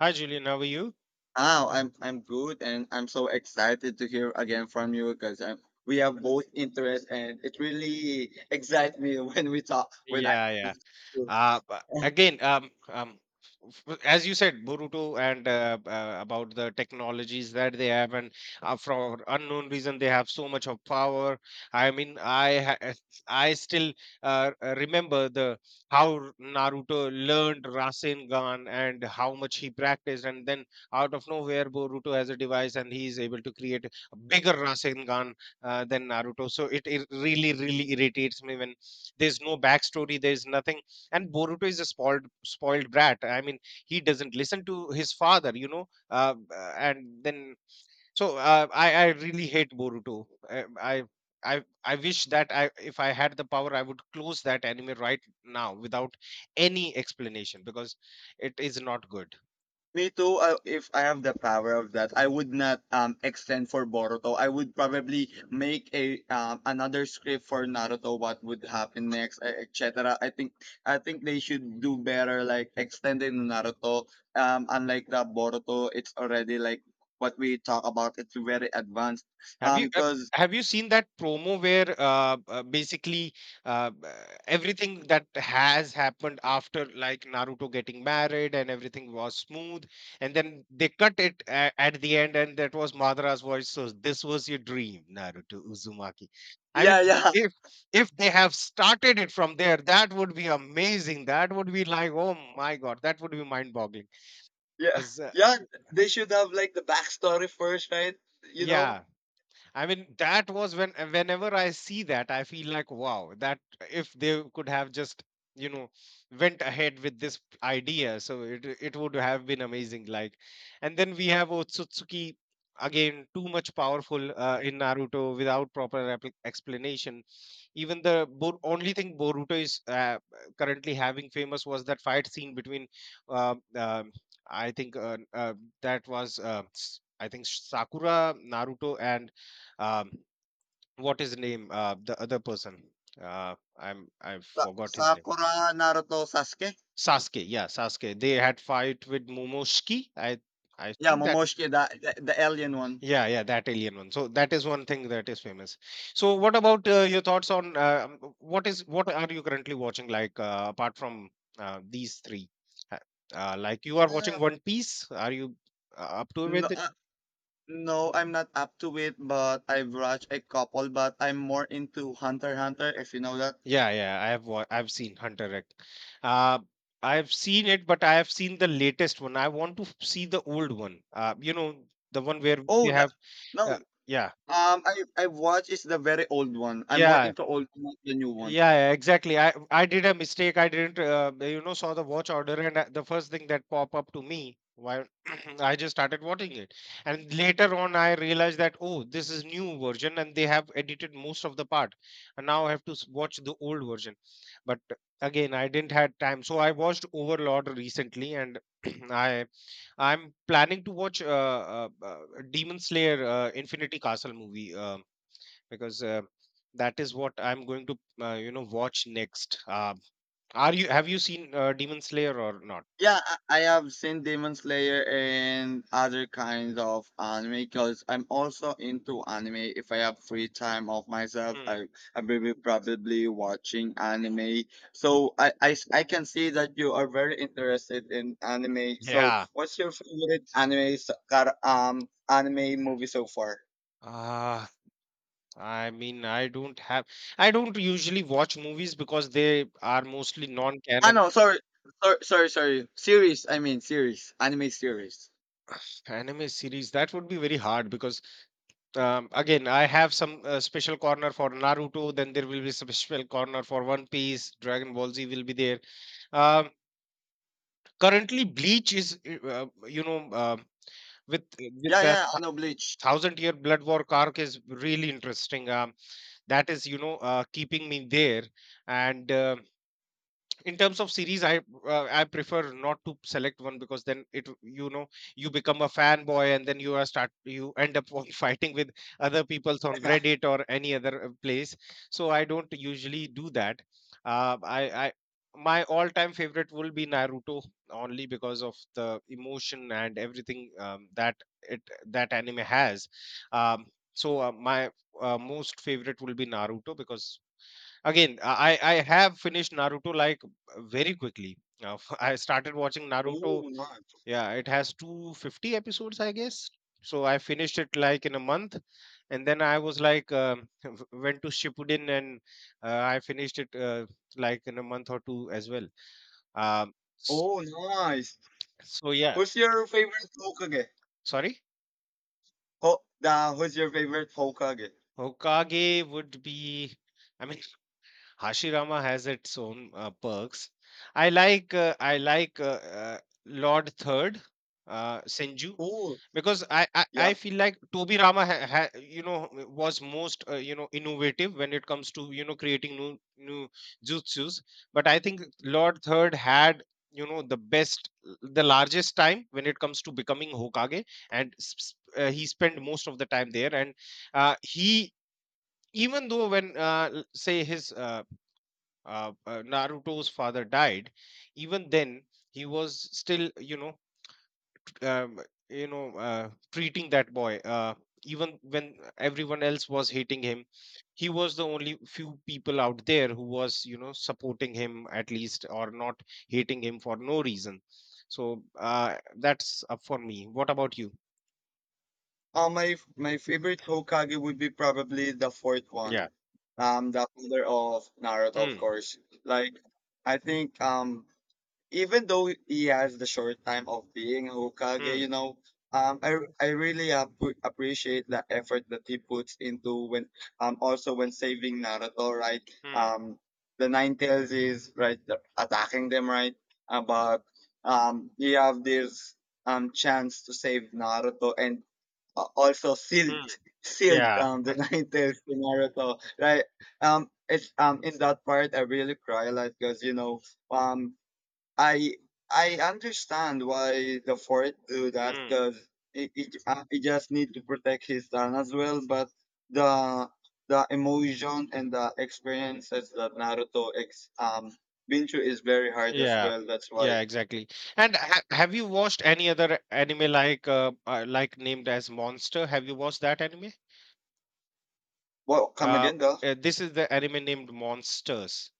Hi, Julian. How are you? Oh, I'm good, and I'm so excited to hear again from you because we have both interest, and it really excites me when we talk when I. Yeah, yeah. Uh, b- again, um, um, as you said, Boruto and about the technologies that they have, and for unknown reason, they have so much of power. I mean, I ha- I still remember the how R- Naruto learned Rasengan and how much he practiced, and then out of nowhere, Boruto has a device and he is able to create a bigger Rasengan than Naruto. So it really, really irritates me when there's no backstory, there's nothing, and Boruto is a spoiled spoiled brat. I mean, he doesn't listen to his father. And then so I really hate Boruto. I wish that I if I had the power, I would close that anime right now without any explanation because it is not good. Me too. I, if I have the power of that, I would not extend for Boruto. I would probably make a another script for Naruto. What would happen next, etc. I think they should do better, like extending Naruto. Unlike the Boruto, it's already like what we talk about. It's very advanced. Have you uh, Cause have you seen that promo where basically uh, uh, everything that has happened after, like, Naruto getting married and everything was smooth, and then they cut it at the end, and that was Madara's voice. So this was your dream, Naruto Uzumaki. I yeah, mean, yeah, if if they have started it from there, that would be amazing. That would be like, oh my god, that would be mind-boggling. yeah, Because uh, yeah. They should have like the backstory first, right? You yeah, know, I mean, that was when whenever I see that, I feel like, wow, that if they could have just, you know, went ahead with this idea, so it would have been amazing. Like, and then we have Otsutsuki again, too much powerful in Naruto without proper explanation. Even the only thing Boruto is currently having famous was that fight scene between, uh, um I think that was I think Sakura, Naruto, and um, what is the name? The other person. I forgot his name. Sakura, Naruto, Sasuke. Sasuke. Yeah, Sasuke. They had fight with Momoshiki. I Yeah, think that. Momoshiki, the alien one. Yeah, yeah, that alien one. So that is one thing that is famous. So what about your thoughts on what is what are you currently watching? Like, apart from these three, uh, like, you are watching Um, One Piece. Are you up to No, with it? No, I'm not up to it, but I've watched a couple, but I'm more into Hunter x Hunter, if you know that. Yeah, yeah. I've seen Hunter X. Uh, I've seen it, but I have seen the latest one. I want to see the old one. You know, the one where they Oh, the have. no. Uh, yeah, I watched is the very old one. I'm more yeah. into old, not the new one. Yeah, yeah, exactly. I did a mistake. I didn't, you know, saw the watch order, and the first thing that pop up to me, while I just started watching it, and later on I realized that, oh, this is new version, and they have edited most of the part, and now I have to watch the old version. But again, I didn't had time, so I watched Overlord recently, and I I'm planning to watch Demon Slayer Infinity Castle movie. Because That is what I'm going to, you know, watch next. Are you Have you seen Demon Slayer or not? Yeah, I have seen Demon Slayer and other kinds of anime because I'm also into anime. If I have free time of myself, Hmm. I will be probably watching anime. So I can see that you are very interested in anime. So Yeah. what's your favorite anime anime movie so far? Uh, I mean, I don't have. I don't usually watch movies because they are mostly Ah non-canon no, sorry. Series, I mean series, anime series. anime series. That would be very hard because again, I have some special corner for Naruto. Then there will be some special corner for One Piece. Dragon Ball Z will be there. Um, currently, Bleach is, you know, with Yeah, that yeah, I know Bleach. Thousand Year Blood War arc is really interesting. That is, you know, keeping me there. And in terms of series, I prefer not to select one because then, it you know, you become a fanboy, and then you are start you end up on fighting with other people's on Reddit or any other place. So I don't usually do that. I my all time favorite will be Naruto only because of the emotion and everything, that it that anime has. um, my most favorite will be Naruto because, again, I have finished Naruto like very quickly. I started watching Naruto. Oh, nice. Yeah, it has 250 episodes, I guess. So I finished it like in a month, and then I was like, went to Shippuden, and I finished it like in a month or two as well. Um, s- Oh, nice. so yeah, Who's your favorite Hokage? sorry, Who's your favorite Hokage? Hokage would be. I mean, Hashirama has its own perks. I like uh, Lord Third Senju Oh, because I yeah. feel like Toby Rama you know, was most you know, innovative when it comes to, you know, creating new jutsus. But I think Lord Third had, you know, the best, the largest time when it comes to becoming Hokage, and he spent most of the time there. And he even though when, l- say his Naruto's father died, even then he was still, um, you know, treating that boy. Even when everyone else was hating him, he was the only few people out there who was, you know, supporting him at least, or not hating him for no reason. So that's up for me. What about you? My favorite Hokage would be probably the fourth Yeah. one. The father of Naruto, of Hmm. course. Like, I think even though he has the short time of being Hokage, you Hmm. know, I really appreciate the effort that he puts into when also when saving Naruto, right? Hmm. Um, the Nine Tails is right attacking them, right? But he have this chance to save Naruto and also Hmm. sealed Yeah. The Nine Tails to Naruto, right? It's in that part I really cry like because um I understand why the fourth do that Hmm. because it just need to protect his son as well, but the the emotion and the experiences that Naruto ex been through is very hard as Yeah, well. That's why. yeah, exactly. And ha have you watched any other anime like, like named as Monster? Have you watched that anime? What come Uh, again though? This is the anime named Monsters.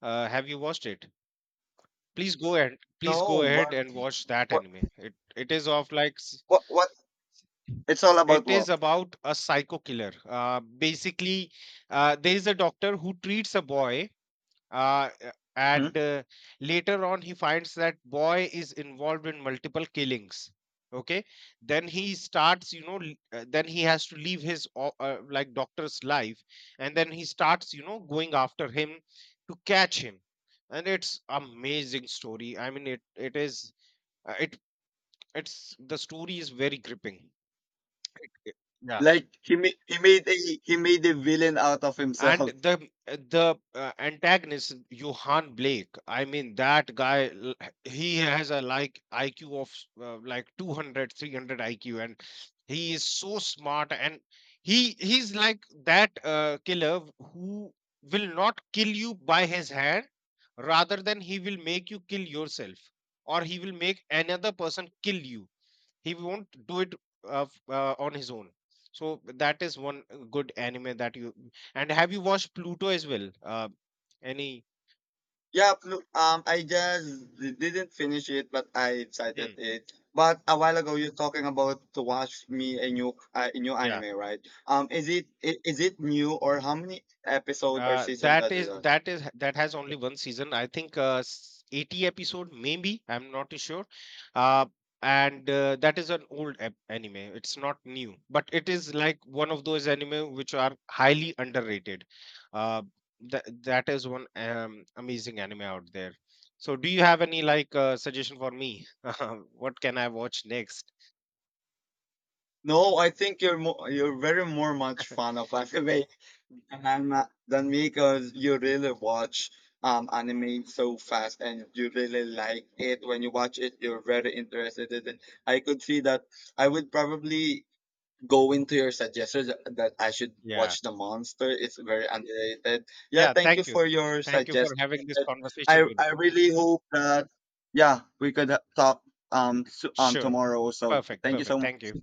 Have you watched it? Please go, and please go No, ahead and watch that what anime. It is of like s- what? It's all about It is what? about a psycho killer. Basically, there is a doctor who treats a boy, Hmm? and later on he finds that boy is involved in multiple killings. Okay, then he starts, you know, then he has to leave his like, doctor's life, and then he starts, you know, going after him to catch him. And it's amazing story. I mean, uh, it it's the story is very gripping. It- it- yeah. Like he made a villain out of And himself. the antagonist Johan Blake, I mean that guy, he has a like IQ of, like, 200, 300 IQ, and he is so smart. And he's like that killer who will not kill you by his hand, rather than he will make you kill yourself, or he will make another person kill you. He won't do it on his own. So that is one good anime that you. And have you watched Pluto as well? Any Yeah, I just didn't finish it, but I cited Hmm, it. But a while ago, you're talking about to watch me a new yeah. anime, right? Is is it new, or how many episode or season that is on? That has only one season. I think 80 episode maybe. I'm not too sure. Uh, and That is an old anime. It's not new, but it is like one of those anime which are highly underrated. Uh, that is one, amazing anime out there. So, do you have any like suggestion for me? What can I watch next? No, I think you're very more much fan of anime than than me because you really watch anime so fast and you really like it. When you watch it, you're very interested in it. I could see that. I would probably going to your suggestions that I should Yeah, watch. The Monster is very underrated. Yeah, yeah. thank you for your Thank you for having suggestion. this conversation with I me. really hope that yeah we could talk Sure, tomorrow. So perfect, thank you perfect. so Thank much. you.